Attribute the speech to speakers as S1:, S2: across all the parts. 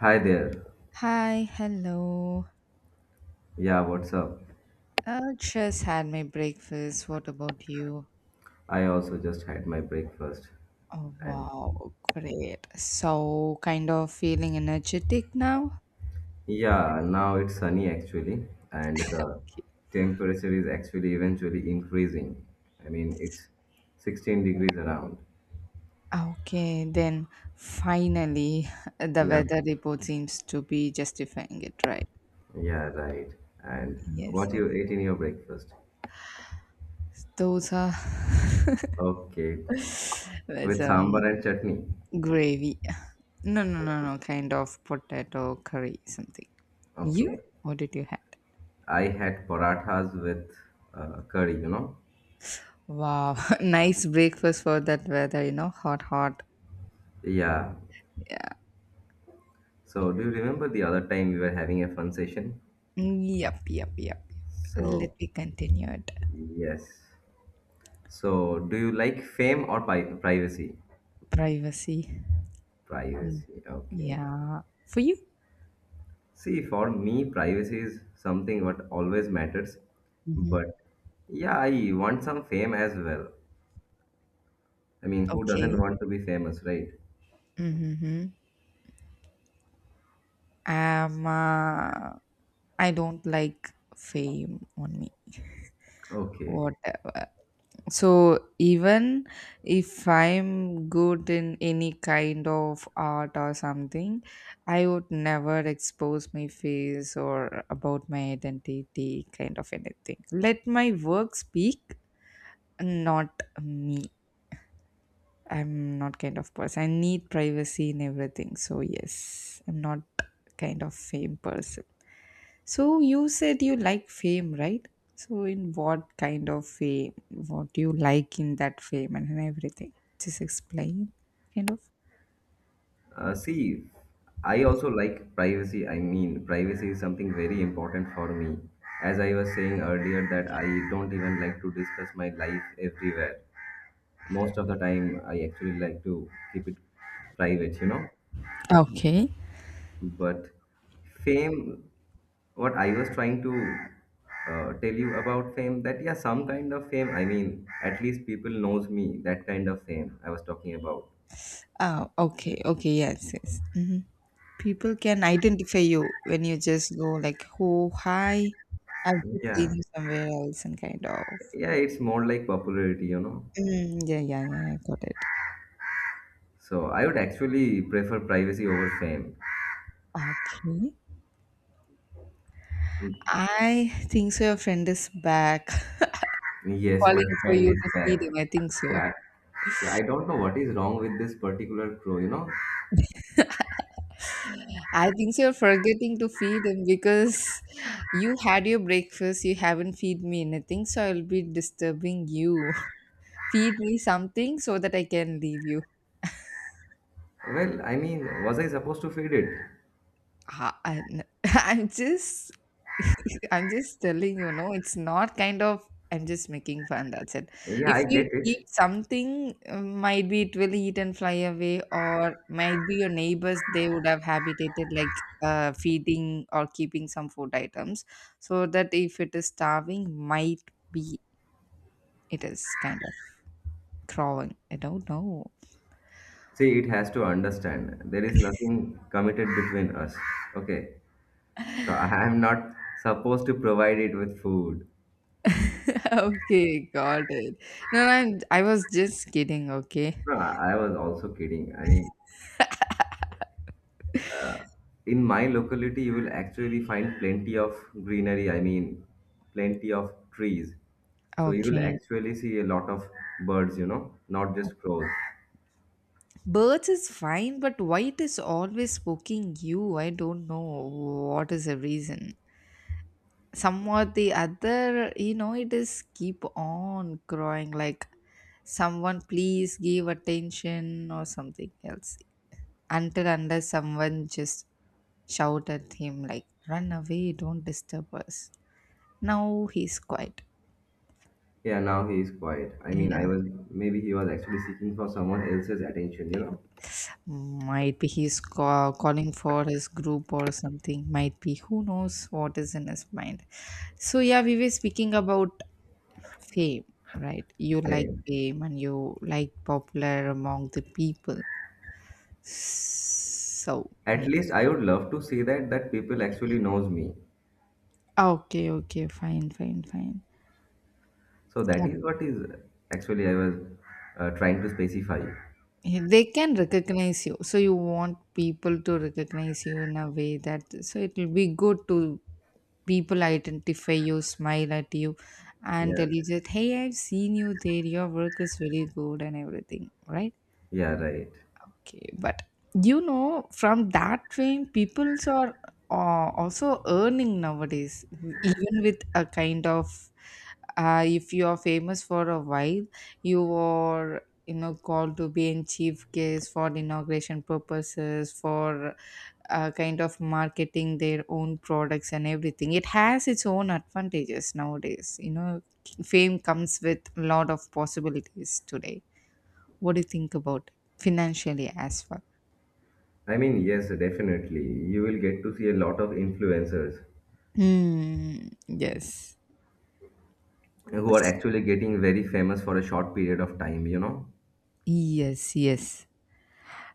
S1: Hi there.
S2: Hi, hello.
S1: Yeah, what's up?
S2: I just had my breakfast. What about you?
S1: I also just had my breakfast.
S2: Oh,
S1: And
S2: wow, great. So, kind of feeling energetic now?
S1: yeah, now it's sunny actually, and the temperature is actually eventually increasing. I mean, it's 16 degrees around.
S2: Okay, then finally, the
S1: Yeah.
S2: weather report seems to be justifying it, right?
S1: Yeah, right. And
S2: Yes,
S1: what
S2: yes.
S1: you ate in your breakfast?
S2: Those are
S1: Okay.
S2: with
S1: With sambar and chutney.
S2: gravy. No, no,
S1: Okay.
S2: no, no, kind of potato curry, something. You?
S1: Okay.
S2: What did you have?
S1: I had parathas with curry, you know?
S2: Wow, nice breakfast for that weather, hot, hot.
S1: Yeah.
S2: Yeah.
S1: So, do you remember the other time we were having a fun session?
S2: Mm, yep, yep, yep. Let
S1: So,
S2: me continue it.
S1: yes. So, do you like fame or privacy?
S2: Privacy. Mm.
S1: Privacy, okay.
S2: Yeah. For you?
S1: See, for me, privacy is something what always matters.
S2: Hmm.
S1: But yeah, I want some fame as well. I mean, who doesn't
S2: Okay.
S1: want to be famous, right?
S2: Mm-hmm. Um, uh, I don't like fame on me.
S1: Okay.
S2: Whatever. So even if I'm good in any kind of art or something, I would never expose my face or about my identity, kind of anything. Let my work speak. Not me. I'm not kind of person. I need privacy in everything. So yes, I'm not kind of fame person. So you said you like fame, right? So in what kind of fame? What do you like in that fame and everything? Just explain, kind of.
S1: See, I also like privacy. I mean, privacy is something very important for me. As I was saying earlier, that I don't even like to discuss my life everywhere. Most of the time, I actually like to keep it private.
S2: Okay.
S1: But fame, what I was trying to tell you about fame, that yeah, some kind of fame. I mean, at least people knows me. That kind of fame I was talking about.
S2: Oh, okay, okay, yes, yes. Hmm. People can identify you when you just go like, "Oh, hi, I've just seen
S1: Yeah,
S2: you somewhere else," and kind of.
S1: yeah, it's more like popularity.
S2: Mm, yeah, yeah, yeah, I got it.
S1: So I would actually prefer privacy over fame.
S2: Okay. I think so your friend is back
S1: Yes, my
S2: calling for
S1: friend
S2: you
S1: is
S2: to feed him.
S1: back.
S2: I think so.
S1: Yeah, yeah, I don't know what is wrong with this particular crow.
S2: I think so you're forgetting to feed him because you had your breakfast, you haven't feed me anything, so I'll be disturbing you. Feed me something so that I can leave you.
S1: Well, I mean, was I supposed to feed it?
S2: Ah, I'm just, I'm just telling you, no, it's not kind of. I'm just making fun. That's it.
S1: Yeah,
S2: If
S1: I get
S2: we keep
S1: it.
S2: something, might be it will eat and fly away, or might be your neighbors they would have habitated like feeding or keeping some food items, so that if it is starving, might be it is kind of crowing. I don't know.
S1: See, it has to understand. There is nothing committed between us. Okay. So I am not supposed to provide it with food.
S2: Okay, got it. No, no, I was just kidding. Okay.
S1: No, I was also kidding. I mean, in my locality you will actually find plenty of greenery. I mean, plenty of trees, so you will
S2: Okay.
S1: actually see a lot of birds, not just crows.
S2: Birds is fine, but white is always poking you? I don't know what is the reason. Somewhat the other, it is keep on growing like someone please give attention or something else. Until unless someone just shout at him like run away, don't disturb us. Now he's quiet.
S1: Yeah, now he is quiet. I mean,
S2: Yeah.
S1: I was, maybe he was actually seeking for someone else's attention.
S2: Might be he's calling for his group or something. Might be who knows what is in his mind. So yeah, we were speaking about fame, right? You like
S1: Right.
S2: fame and you like popular among the people. So
S1: At
S2: yeah.
S1: least I would love to see that people actually knows me.
S2: Okay, okay, fine, fine, fine.
S1: So that is what is actually I was trying to specify.
S2: Okay. They can recognize you. So you want people to recognize you in a way that so it will be good to people identify you, smile at you, and tell
S1: Yeah,
S2: you that, hey, I've seen you there, your work is very good, and everything, right?
S1: yeah, right.
S2: Okay, but from that vein, peoples are also earning nowadays, even with a kind of if you are famous for a while, you are called to be in chief guest for inauguration purposes for kind of marketing their own products and everything. It has its own advantages nowadays. Fame comes with a lot of possibilities today. What do you think about financially as well?
S1: I mean, yes, definitely, you will get to see a lot of influencers
S2: Hmm. Yes.
S1: who are actually getting very famous for a short period of time.
S2: Yes. Yes.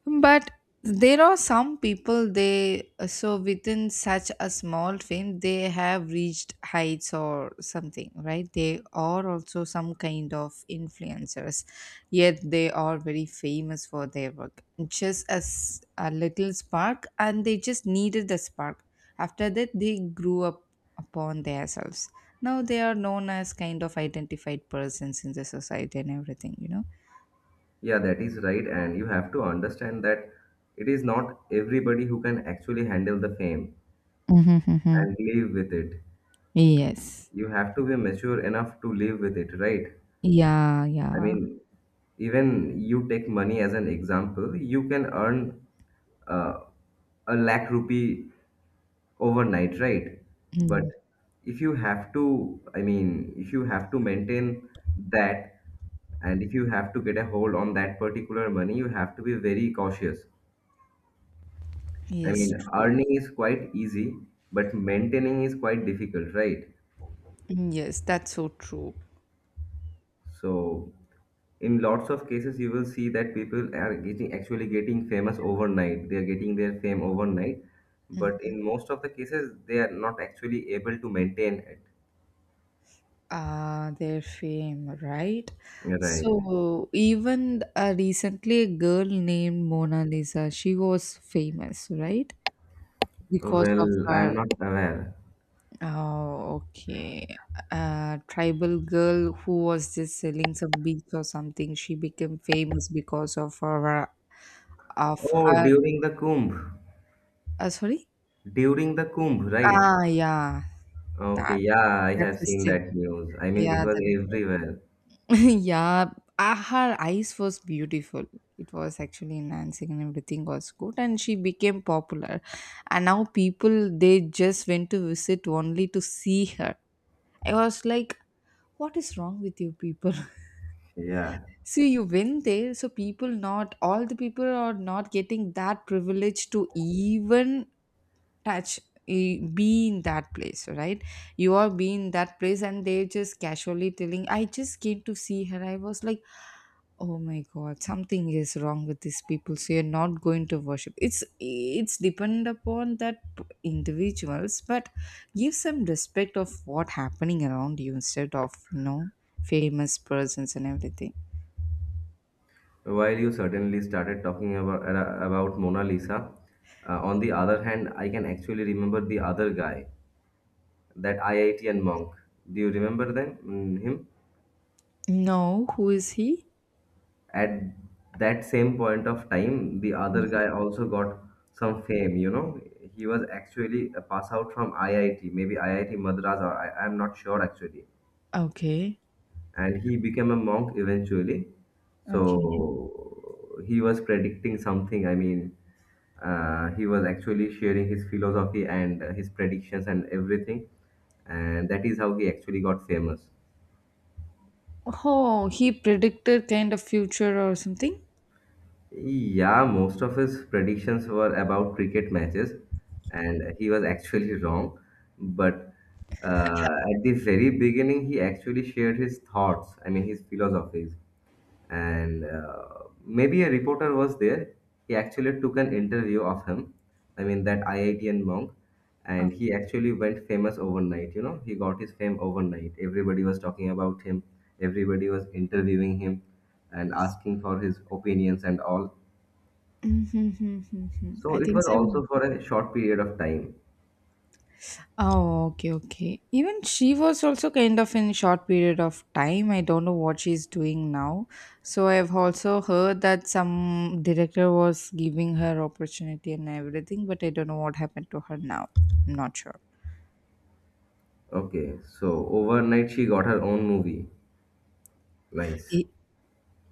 S2: But there are some people they so within such a small fame they have reached heights or something, right? They are also some kind of influencers, yet they are very famous for their work, just as a little spark, and they just needed the spark. After that they grew up upon themselves. Now they are known as kind of identified persons in the society and everything.
S1: Yeah, that is right. And you have to understand that it is not everybody who can actually handle the fame
S2: Mm-hmm.
S1: and live with it.
S2: Yes.
S1: You have to be mature enough to live with it, right?
S2: Yeah,
S1: I
S2: yeah.
S1: mean, even you take money as an example, you can earn uh, a lakh rupee overnight, right? But
S2: Mm.
S1: if you have to, I mean, if you have to maintain that, and if you have to get a hold on that particular money, you have to be very cautious. I
S2: Yes,
S1: mean,
S2: true.
S1: earning is quite easy, but maintaining is quite difficult, right?
S2: Mm, yes, that's so true.
S1: So, in lots of cases, you will see that people are getting actually getting famous overnight. They are getting their fame overnight, but
S2: Mm.
S1: in most of the cases, they are not actually able to maintain it.
S2: Their fame, right?
S1: Right.
S2: So even recently, a girl named Mona Lisa, she was famous, right? Because of
S1: Well,
S2: her,
S1: I'm not aware.
S2: oh, okay, tribal girl who was just selling some beads or something. She became famous because of her, of
S1: Oh,
S2: her.
S1: during the Kumbh.
S2: Sorry.
S1: During the Kumbh, right?
S2: Ah, yeah,
S1: Okay,
S2: that
S1: yeah, I
S2: that
S1: have seen
S2: system.
S1: that news. I mean, it
S2: Yeah,
S1: was
S2: that
S1: everywhere.
S2: yeah, her eyes was beautiful. It was actually enhancing and everything was good, and she became popular. And now people they just went to visit only to see her. I was like, what is wrong with you people?
S1: Yeah.
S2: See, you went there, so people not all the people are not getting that privilege to even touch be in that place, right? You are being in that place, and they're just casually telling I just came to see her. I was like, oh my god, something is wrong with these people. So you're not going to worship. It's depend upon that individuals. But give some respect of what happening around you instead of famous persons and everything.
S1: While you certainly started talking about Mona Lisa, on the other hand, I can actually remember the other guy, that IITian monk. Do you remember them? Him?
S2: No, who is he?
S1: At that same point of time, the other guy also got some fame, you know. He was actually a pass out from IIT, maybe IIT Madras, or I'm not sure actually.
S2: Okay.
S1: And he became a monk eventually.
S2: Okay.
S1: So he was predicting something. I mean, he was actually sharing his philosophy and his predictions and everything. And that is how he actually got famous.
S2: Oh, he predicted kind of future or something.
S1: Yeah, most of his predictions were about cricket matches, and he was actually wrong. But at the very beginning, he actually shared his thoughts, I mean, his philosophies. And maybe a reporter was there. He actually took an interview of him, I mean, that IITian monk, and he actually went famous overnight. He got his fame overnight. Everybody was talking about him, everybody was interviewing him and asking for his opinions and all,
S2: Mm-hmm. I
S1: so it
S2: think
S1: was
S2: so.
S1: also for a short period of time.
S2: Oh, okay, okay. Even she was also kind of in short period of time. I don't know what she's doing now. So I've also heard that some director was giving her opportunity and everything, but I don't know what happened to her now. I'm not sure.
S1: Okay, so overnight she got her own movie. Nice.
S2: Y-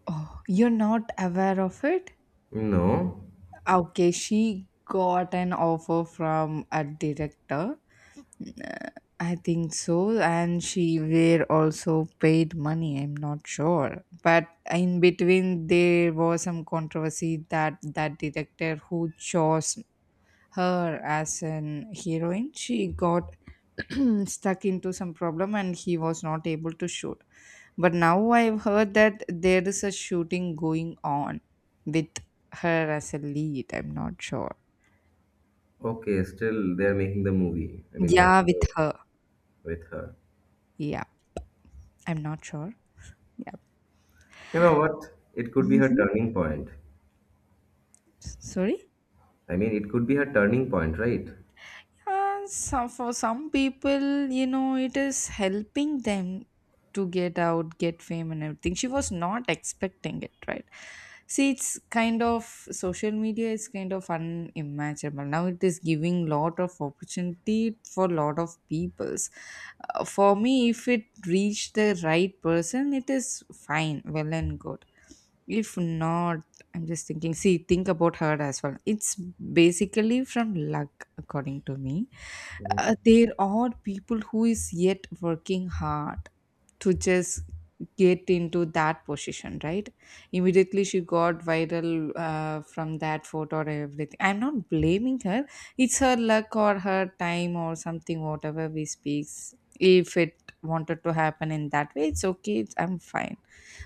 S2: Oh, you're not aware of it?
S1: No.
S2: Okay, she got an offer from a director I think so, and she were also paid money. I'm not sure, but in between there was some controversy that that director who chose her as an heroine, she got stuck into some problem and he was not able to shoot. But now I've heard that there is a shooting going on with her as a lead. I'm not sure.
S1: Okay, still they're making the movie. I mean, that's
S2: Yeah, with
S1: great
S2: her.
S1: with her.
S2: Yeah, I'm not sure.
S1: You know what? It could be her
S2: Yeah.
S1: turning point.
S2: Sorry?
S1: I mean, it could be her turning point, right?
S2: Yeah, for some people, it is helping them to get out, get fame, and everything. She was not expecting it, right? See, it's kind of social media is kind of unimaginable. Now it is giving lot of opportunity for lot of peoples. For me, if it reached the right person, it is fine, well and good. If not, I'm just thinking, see, think about her as well. It's basically from luck, according to me. There are people who is yet working hard to just get into that position, right? Immediately she got viral from that photo or everything. I'm not blaming her. It's her luck or her time or something, whatever we speaks. If it wanted to happen in that way, it's okay, I'm fine.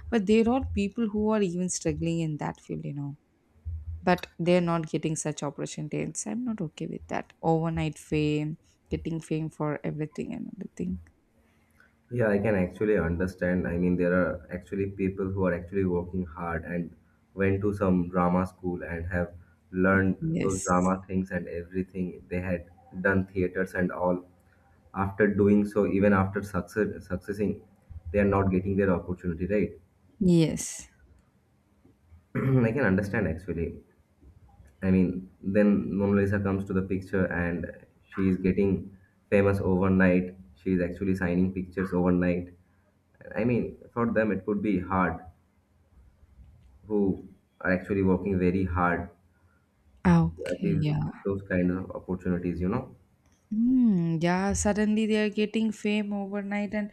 S2: But there are people who are even struggling in that field. But they're not getting such opportunities. I'm not okay with that overnight fame, getting fame for everything and everything.
S1: Yeah, I can actually understand. I mean, there are actually people who are actually working hard and went to some drama school and have learned those
S2: Yes,
S1: drama things and everything. They had done theaters and all. After doing so, even after success, successing, they are not getting their opportunity, right?
S2: yes.
S1: I can understand actually. I mean, then Mona Lisa comes to the picture and she is getting famous overnight. She is actually signing pictures overnight. I mean, for them, it could be hard who are actually working very hard
S2: Ah,
S1: to
S2: okay,
S1: achieve
S2: yeah.
S1: those kinds of opportunities, you know?
S2: Hmm. Yeah, suddenly they are getting fame overnight, and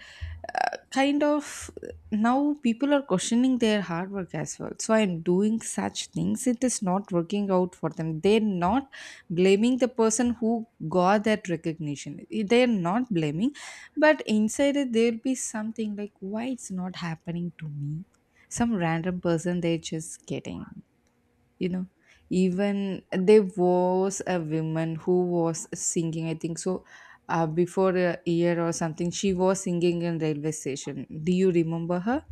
S2: kind of now people are questioning their hard work as well. So I'm doing such things, it is not working out for them. They're not blaming the person who got that recognition. They're not blaming, but inside it, there'll be something like, why it's not happening to me? Some random person they're just getting you know Even there was a woman who was singing, I think so. Before a year or something she was singing in railway station. Do you remember her?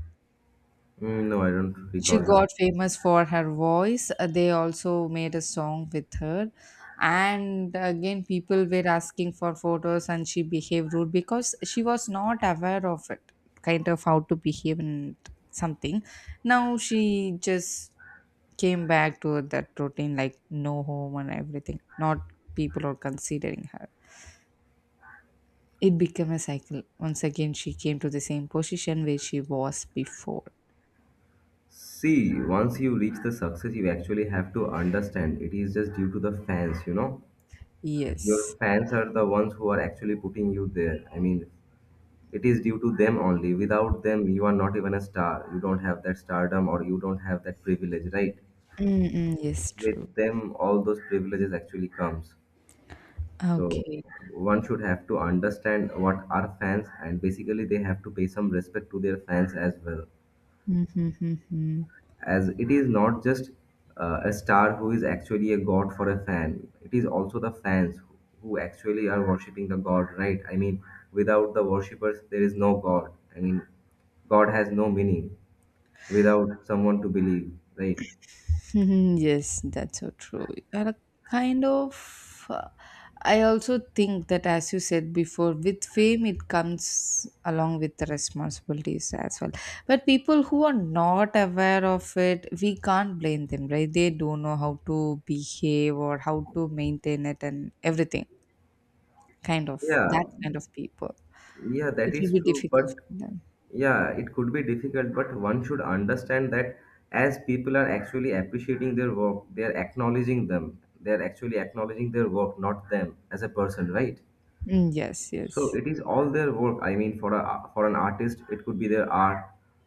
S1: No, I don't
S2: She
S1: recall
S2: got
S1: her.
S2: famous for her voice. They also made a song with her, and again people were asking for photos, and she behaved rude because she was not aware of it, kind of how to behave and something. Now she just came back to that routine, like no home and everything not people are considering her. It became a cycle. Once again she came to the same position where she was before.
S1: See, once you reach the success, you actually have to understand it is just due to the fans, you know?
S2: Yes.
S1: Your fans are the ones who are actually putting you there. I mean, it is due to them only. Without them, you are not even a star. You don't have that stardom or you don't have that privilege, right?
S2: Mm-mm, yes, true.
S1: With them, all those privileges actually comes. So
S2: Okay.
S1: one should have to understand what are fans, and basically they have to pay some respect to their fans as well,
S2: Mm-hmm. Mm-hmm.
S1: as it is not just a star who is actually a god for a fan. It is also the fans who actually are worshipping the god, right? I mean, without the worshippers, there is no god. I mean, God has no meaning without someone to believe, right?
S2: Mhm, yes, that's so true. And a kind of, I also think that, as you said before, with fame it comes along with the responsibilities as well. But people who are not aware of it, we can't blame them, right? They don't know how to behave or how to maintain it and everything. Kind of
S1: Yeah,
S2: that kind of people,
S1: yeah,
S2: it
S1: that
S2: will
S1: is
S2: be
S1: true,
S2: difficult
S1: but
S2: for them.
S1: yeah, it could be difficult, but one should understand that as people are actually appreciating their work, they are acknowledging them. They are actually acknowledging their work, not them as a person, right?
S2: Mm, yes,
S1: So
S2: yes.
S1: it is all their work. I mean, for a for an artist, it could be their art.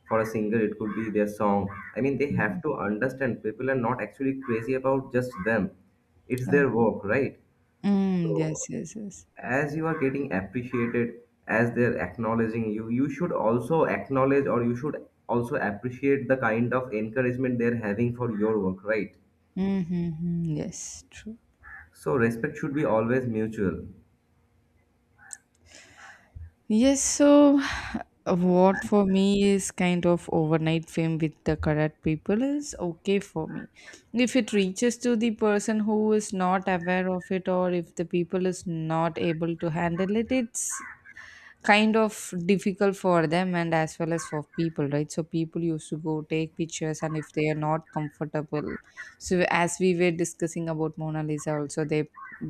S1: For a singer, it could be their song. I mean, they have
S2: Mhm.
S1: to understand people are not actually crazy about just them. It's
S2: Oh.
S1: their work, right?
S2: Mm, yes,
S1: So
S2: yes, yes.
S1: as you are getting appreciated, as they're acknowledging you, you should also acknowledge or you should also appreciate the kind of encouragement they're having for your work, right?
S2: Mm-hmm. Mm-hmm. Yes, true.
S1: So respect should be always mutual.
S2: Yes, so what for me is kind of overnight fame with the correct people is okay for me. If it reaches to the person who is not aware of it or if the people is not able to handle it, it's kind of difficult for them and as well as for people, right? So people used to go take pictures, and if they are not comfortable so as we were discussing about Mona Lisa also, they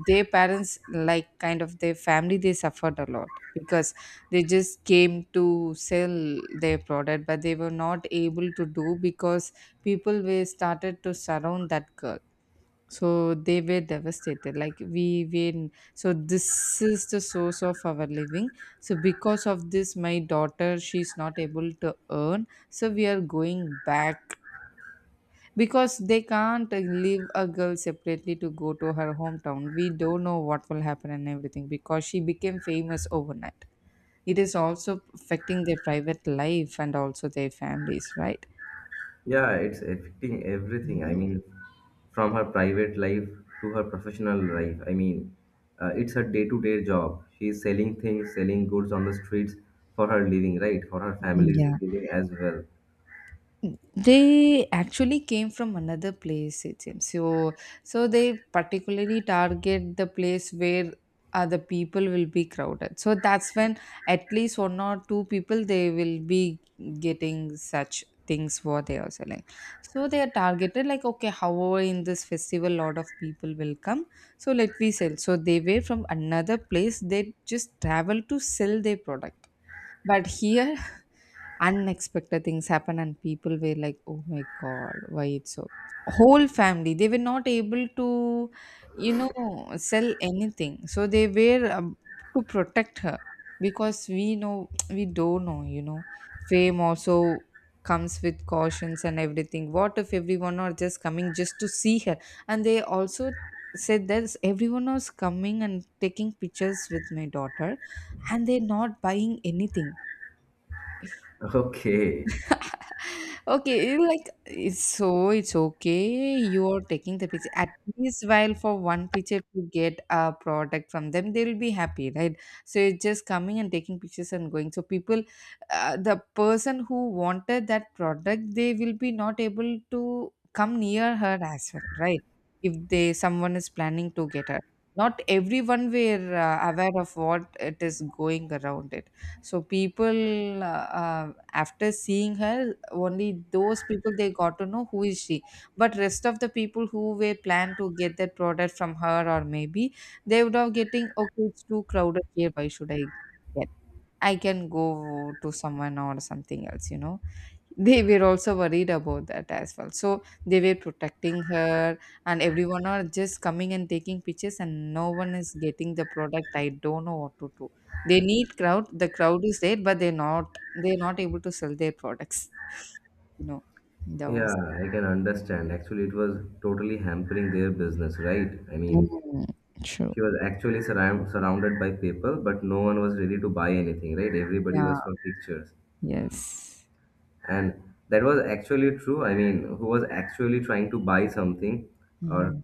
S2: their parents like kind of their family, they suffered a lot because they just came to sell their product but they were not able to do because people were started to surround that girl. So they were devastated. So this is the source of our living. So because of this, my daughter, she's not able to earn. So we are going back because they can't leave a girl separately to go to her hometown. We don't know what will happen and everything because she became famous overnight. It is also affecting their private life and also their families, right?
S1: Yeah, it's affecting everything. I
S2: Mhm.
S1: mean, from her private life to her professional life. I mean, it's her day-to-day job. She's selling things, selling goods on the streets for her living, right? For her family's
S2: Yeah.
S1: living as well.
S2: They actually came from another place, it seems. So they particularly target the place where other people will be crowded. So that's when at least one or two people they will be getting such things what they are selling. So they are targeted like okay, however in this festival lot of people will come. So let we sell. So they were from another place. They just travel to sell their product. But here unexpected things happen and people were like oh my god why it's so whole family they were not able to you know sell anything so they were to protect her because we know we don't know fame also comes with cautions and everything what if everyone are just coming just to see her and they also said that everyone was coming and taking pictures with my daughter and they're not buying anything.
S1: Okay.
S2: Okay, like it's okay. You're taking the picture at least while for one picture to get a product from them, they'll be happy, right? So it's just coming and taking pictures and going. So people, the person who wanted that product, they will be not able to come near her as well, right? If they someone is planning to get her, not everyone were aware of what it is going around it so people, after seeing her, only those people they got to know who is she. But rest of the people who were planned to get that product from her, or maybe they would have getting okay, it's too crowded here. Why should I get? I can go to someone or something else, you know. They were also worried about that as well. So they were protecting her, and everyone are just coming and taking pictures, and no one is getting the product. I don't know what to do. They need crowd. The crowd is there, but they're not. They're not able to sell their products. You know, that
S1: Yeah,
S2: was
S1: I can understand. Actually, it was totally hampering their business, right? I mean,
S2: Mm, true.
S1: she was actually surrounded by people, but no one was ready to buy anything, right? Everybody
S2: Yeah.
S1: was for pictures.
S2: Yes.
S1: And that was actually true. I mean, who was actually trying to buy something, or
S2: Mm.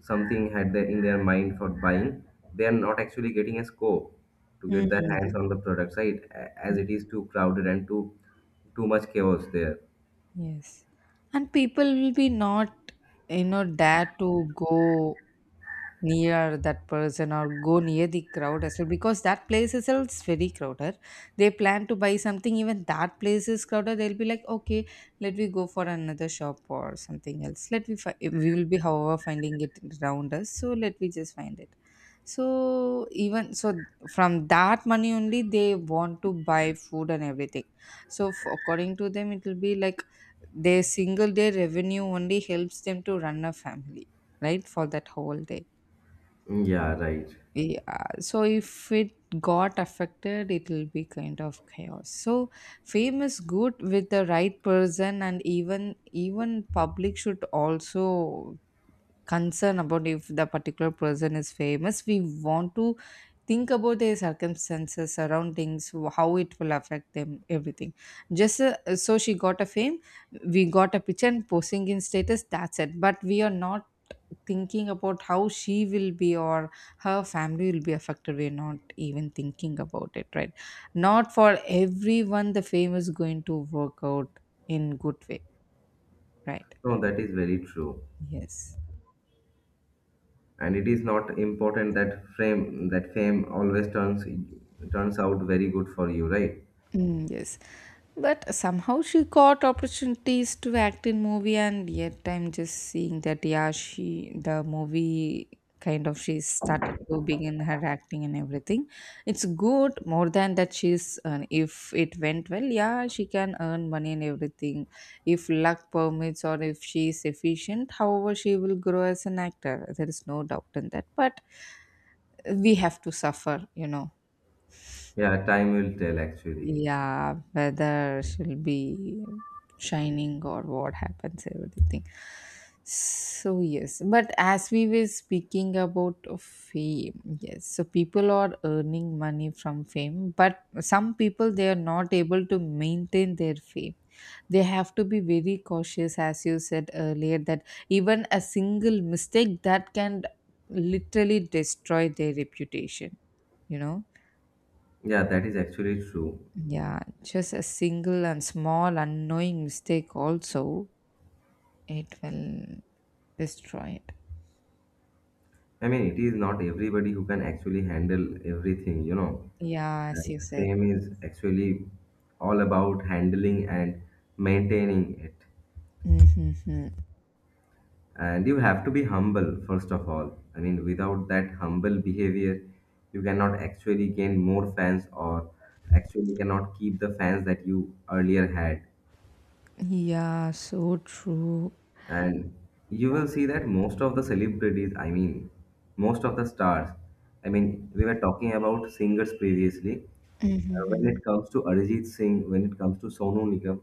S1: something had their, in their mind for buying, they are not actually getting a scope to get their
S2: Mm.
S1: hands on the product, right? As it is too crowded and too much chaos there.
S2: Yes. And people will be not, you know, dare to go near that person or go near the crowd as well because that place itself is very crowded. They plan to buy something, even that place is crowded. They'll be like, okay, let me go for another shop or something else. Let me, fi- we will be, however, finding it around us. So let me just find it. So even so from that money only they want to buy food and everything. So f according to them it will be like their single day revenue only helps them to run a family, right? For that whole day.
S1: Yeah, right.
S2: Yeah. So if it got affected it will be kind of chaos. So fame is good with the right person and even public should also concern about if the particular person is famous we want to think about their circumstances surroundings wh- how it will affect them everything just so she got a fame we got a picture and posting in status that's it but we are not thinking about how she will be or her family will be affected we're not even thinking about it right not for everyone the fame is going to work out in good way right
S1: No, that is very true.
S2: yes
S1: And it is not important that frame that fame always turns out very good for you, right?
S2: Mm, yes. But somehow she got opportunities to act in movie and yet I'm just seeing that yeah she the movie kind of she started to begin her acting and everything. It's good more than that she's if it went well yeah she can earn money and everything if luck permits or if she's efficient however she will grow as an actor there is no doubt in that but we have to suffer you know.
S1: Yeah, time will tell actually.
S2: Yeah, whether she'll be shining or what happens, everything. So, yes, but as we were speaking about fame, yes, so people are earning money from fame, but some people they are not able to maintain their fame. They have to be very cautious, as you said earlier, that even a single mistake that can literally destroy their reputation, you know.
S1: Yeah, that is actually true.
S2: Yeah, just a single and small unknowing mistake also, it will destroy it.
S1: I mean, it is not everybody who can actually handle everything, you know.
S2: Yeah, as
S1: And
S2: you said.
S1: fame is actually all about handling and maintaining it.
S2: Mm-hmm.
S1: And you have to be humble, first of all. I mean, without that humble behavior, you cannot actually gain more fans or actually cannot keep the fans that you earlier had.
S2: Yeah, so true.
S1: And you will see that most of the celebrities, I mean, most of the stars, I mean, we were talking about singers previously. When
S2: Mm-hmm.
S1: it comes to Arijit Singh, when it comes to Sonu Nigam,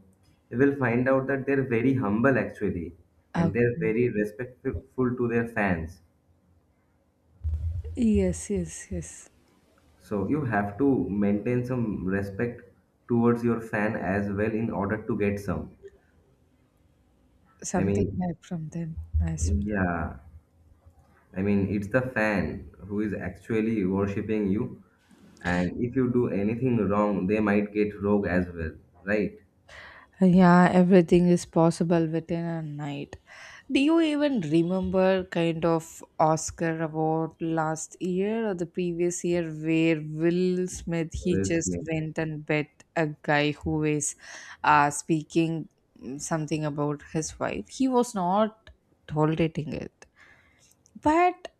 S1: you will find out that they're very humble actually,
S2: Okay.
S1: and they're very respectful to their fans.
S2: Yes, yes, yes.
S1: So you have to maintain some respect towards your fan as well in order to get some. I
S2: Something
S1: mean,
S2: help from them as well.
S1: yeah. I mean, it's the fan who is actually worshipping you, and if you do anything wrong, they might get rogue as well, right?
S2: Yeah, everything is possible within a night. Do you even remember kind of Oscar award last year or the previous year where Will Smith he
S1: Will
S2: just
S1: Smith.
S2: went and bet a guy who is speaking something about his wife. He was not tolerating it. But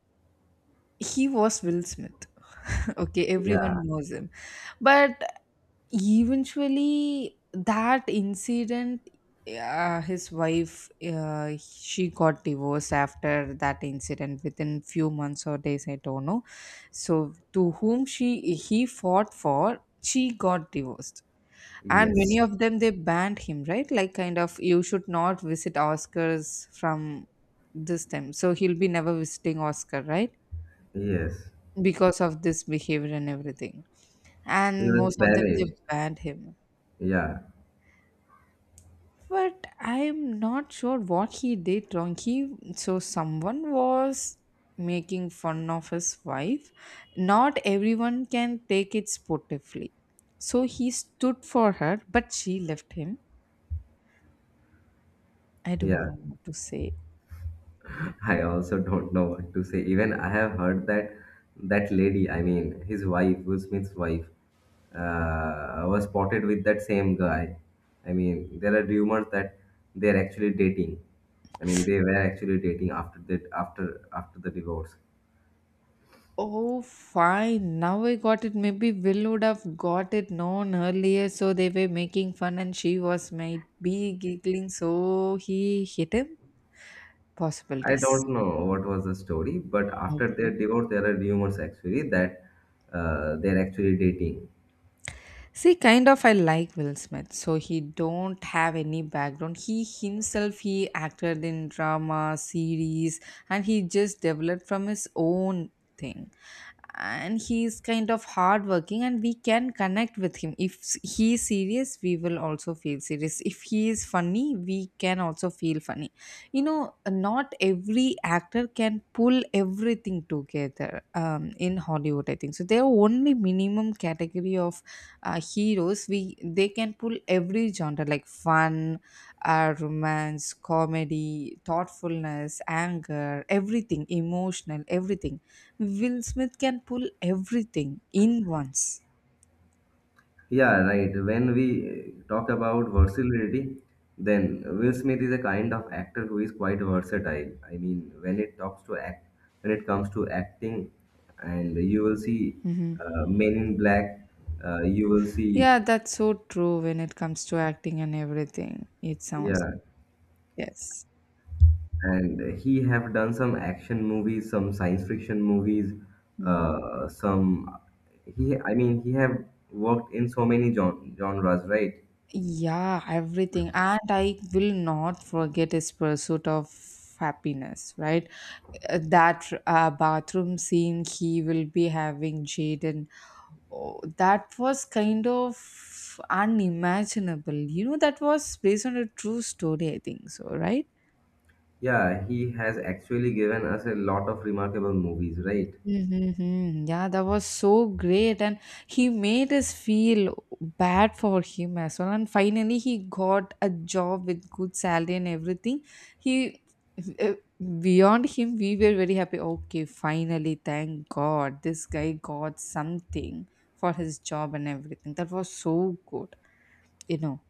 S2: he was Will Smith. Okay,
S1: Yeah.
S2: everyone knows him. But eventually that incident his wife she got divorced after that incident within few months or days I don't know so to whom she he fought for she got divorced and
S1: Yes.
S2: many of them they banned him right like kind of you should not visit Oscars from this time so he'll be never visiting Oscar right
S1: Yes.
S2: because of this behavior and everything
S1: He
S2: and
S1: was
S2: most of them they
S1: banished.
S2: banned him.
S1: Yeah.
S2: But I'm not sure what he did wrong. He so someone was making fun of his wife. Not everyone can take it sportively. So he stood for her, but she left him. I don't
S1: Yeah.
S2: know what to say.
S1: I also don't know what to say. Even I have heard that that lady, I mean his wife, Will Smith's wife, was spotted with that same guy. I mean, there are rumors that they are actually dating. I mean, they were actually dating after that after after the divorce.
S2: Oh, fine. Now I got it. Maybe Will would have got it known earlier, so they were making fun and she was maybe giggling, so he hit him.
S1: I
S2: Possibilities.
S1: don't know what was the story, but after
S2: Okay.
S1: their divorce, there are rumors actually that they're actually dating.
S2: See, kind of I like Will Smith. So he don't have any background. He himself he acted in drama, series, and he just developed from his own thing. And he's kind of hardworking, and we can connect with him. If s- he is serious, we will also feel serious. If he is funny, we can also feel funny. You know, not every actor can pull everything together in Hollywood. I think so. There are only minimum category of heroes we they can pull every genre like fun romance comedy thoughtfulness anger everything emotional everything Will Smith can pull everything in once.
S1: Yeah, right. When we talk about versatility, then Will Smith is a kind of actor who is quite versatile. I mean, when it talks to act, when it comes to acting, and you will see
S2: Hmm.
S1: Men in Black, you will see,
S2: Yeah, that's so true when it comes to acting and everything it sounds
S1: yeah,
S2: yes.
S1: and he have done some action movies, some science fiction movies, some. He, I mean, he have worked in so many genres, right?
S2: Yeah, everything. And I will not forget his pursuit of happiness, right? That bathroom scene he will be having Jaden. Oh, that was kind of unimaginable. You know, that was based on a true story, I think so, right?
S1: Yeah, he has actually given us a lot of remarkable movies, right?
S2: Mm-hmm. Yeah, that was so great, and he made us feel bad for him as well. And finally, he got a job with good salary and everything. He uh, beyond him, we were very happy. Okay, finally, thank God, this guy got something for his job and everything. That was so good, you know.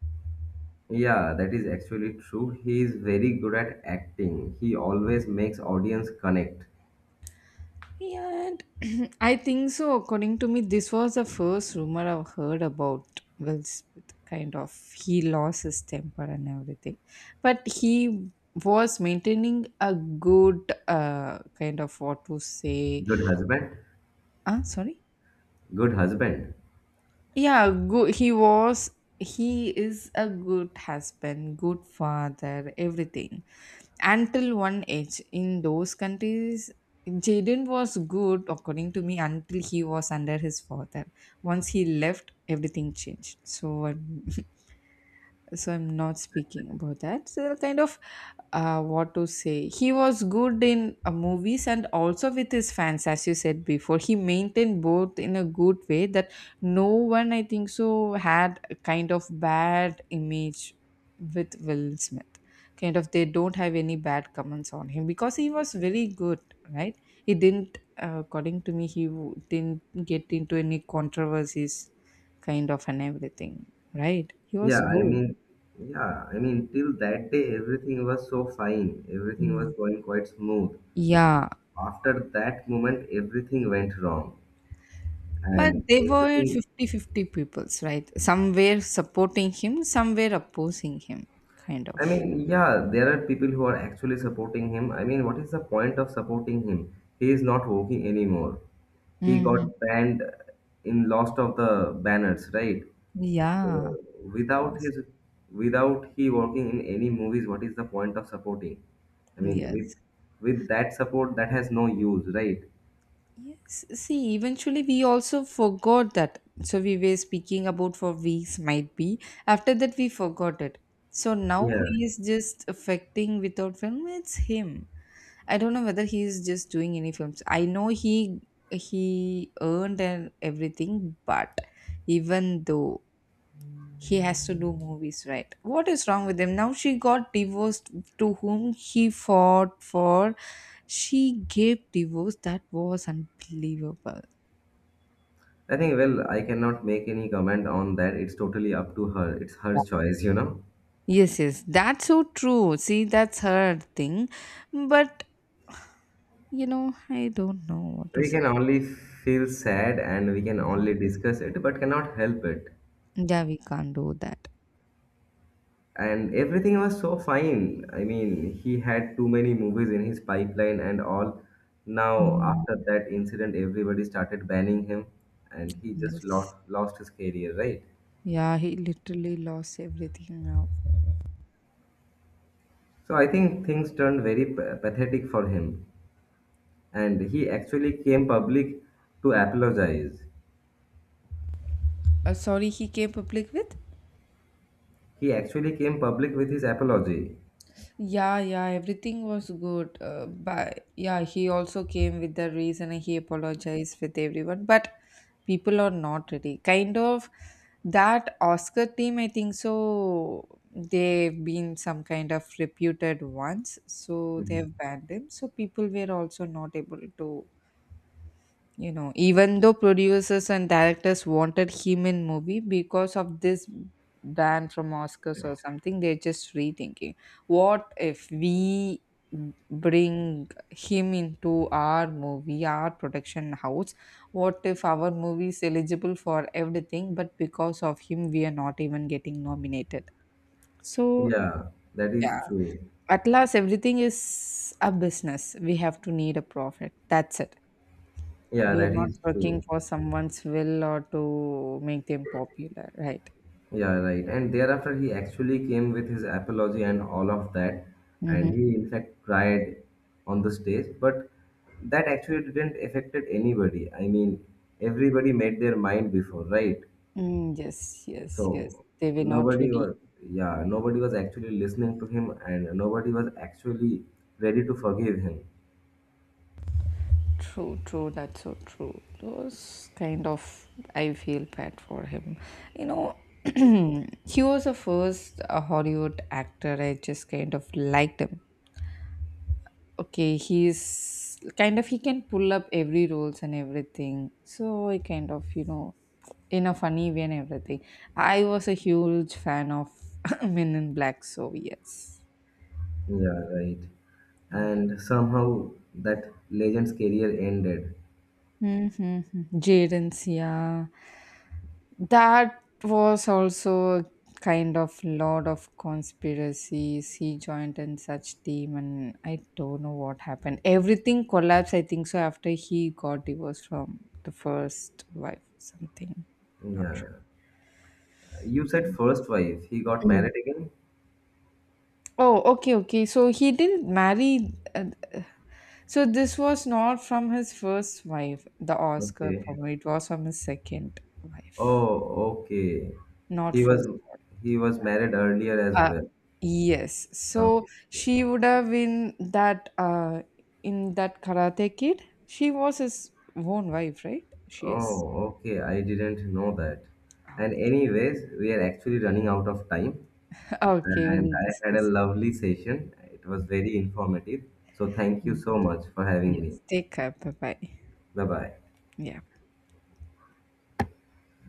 S1: Yeah, that is actually true. He is very good at acting. He always makes audience connect.
S2: Yeah, and I think so. According to me, this was the first rumor I've heard about Will Smith. Kind of, he lost his temper and everything, but he was maintaining a good kind of what to say.
S1: Good husband.
S2: Ah, sorry.
S1: Good husband.
S2: Yeah, good. He was. He is a good husband, good father, everything. Until one age in those countries Jaden was good according to me until he was under his father once he left everything changed so I'm not speaking about that so kind of what to say he was good in movies and also with his fans as you said before he maintained both in a good way that no one I think so had a kind of bad image with Will Smith kind of they don't have any bad comments on him because he was very good right he didn't according to me didn't get into any controversies kind of and everything right he was
S1: Yeah, I
S2: good.
S1: mean, yeah, I mean, till that day, everything was so fine. Everything
S2: Mm.
S1: was going quite smooth.
S2: Yeah,
S1: After that moment, everything went wrong,
S2: but
S1: and
S2: they were
S1: everything.
S2: fifty-fifty peoples, right? Some were supporting him, some were opposing him, kind of.
S1: I mean, yeah, there are people who are actually supporting him. I mean, what is the point of supporting him? He is not working anymore. He
S2: Mm-hmm.
S1: got banned in lost of the banners, right?
S2: Yeah,
S1: So
S2: of
S1: without
S2: course.
S1: his without he working in any movies, what is the point of supporting? I mean, with
S2: Yes.
S1: with that support that has no use, right?
S2: Yes. See, eventually we also forgot that. So we were speaking about for weeks, might be. After that, we forgot it. So now
S1: Yeah.
S2: who is just affecting without film? It's him. I don't know whether he's just doing any films. I know he earned and everything, but even though he has to do movies, right? What is wrong with him? Now she got divorced to whom he fought for. She gave divorce. That was unbelievable.
S1: I think well, I cannot make any comment on that. It's totally up to her. It's her choice.
S2: Yes, yes, that's so true. See, that's her thing. But you know, I don't know what to
S1: We
S2: say.
S1: can only feel sad and we can
S2: Mhm.
S1: only discuss it but cannot help it.
S2: Yeah, we can't do that.
S1: And everything was so fine. I mean, he had too many movies in his pipeline and all. Now
S2: Mhm.
S1: after that incident, everybody started banning him, and he just
S2: Yes.
S1: lost his career, right?
S2: Yeah, he literally lost everything now.
S1: So I think things turned very pathetic for him. And he actually came public to apologize.
S2: Sorry, he came public with?
S1: He actually came public with his apology.
S2: Yeah, yeah, everything was good. But yeah, he also came with the reason and he apologized with everyone. But people are not ready. Kind of that Oscar team, I think so. They've been some kind of reputed ones, so they've
S1: Mhm.
S2: banned him. So people were also not able to. You know, even though producers and directors wanted him in movie because of this ban from Oscars or something, they're just rethinking. What if we bring him into our movie, our production house? What if our movie is eligible for everything, but because of him, we are not even getting nominated? So,
S1: Yeah, that is
S2: yeah,
S1: true.
S2: at last, everything is a business. We have to need a profit. That's it.
S1: Yeah,
S2: We are
S1: that
S2: not
S1: is
S2: working
S1: true.
S2: for someone's will or to make them popular, right?
S1: Yeah, right. And thereafter, he actually came with his apology and all of that. And
S2: Mm-hmm.
S1: he, in fact, cried on the stage. But that actually didn't affected anybody. I mean, everybody made their mind before, right?
S2: Mm, yes, yes, yes.
S1: So
S2: They were not
S1: nobody
S2: ready.
S1: was, yeah, nobody was actually listening to him and nobody was actually ready to forgive him.
S2: True, true. That's so true. Those kind of, I feel bad for him. You know, he was the first Hollywood actor I just kind of liked him okay he's kind of he can pull up every roles and everything so I kind of you know in a funny way and everything I was a huge fan of Men in Black so yes
S1: Yeah, right.
S2: yeah
S1: And somehow that legend's career ended.
S2: mm-hmm. Jaden's yeah that was also a kind of lot of conspiracies. He joined in such team, and I don't know what happened. Everything collapsed, I think so, after he got divorced from the first wife, something. Not
S1: Yeah.
S2: sure.
S1: You said first wife. He got
S2: Mm.
S1: married again?
S2: Oh, okay, okay. So he didn't marry. So this was not from his first wife, the Oscar.
S1: Okay.
S2: Probably it was from his second wife,
S1: Oh, okay.
S2: not
S1: He
S2: for
S1: was he was married earlier as
S2: Uh,
S1: well.
S2: yes. So
S1: Okay.
S2: she would have been that in that Karate Kid. She was his own wife, right? She is
S1: Oh, okay. I didn't know that.
S2: out.
S1: And anyways, we are actually running out of time.
S2: Okay,
S1: And
S2: we'll
S1: I had a
S2: discuss.
S1: lovely session. It was very informative. So thank you
S2: Mm,
S1: so much for having me.
S2: yes. Take care. Bye bye.
S1: Bye bye.
S2: Yeah.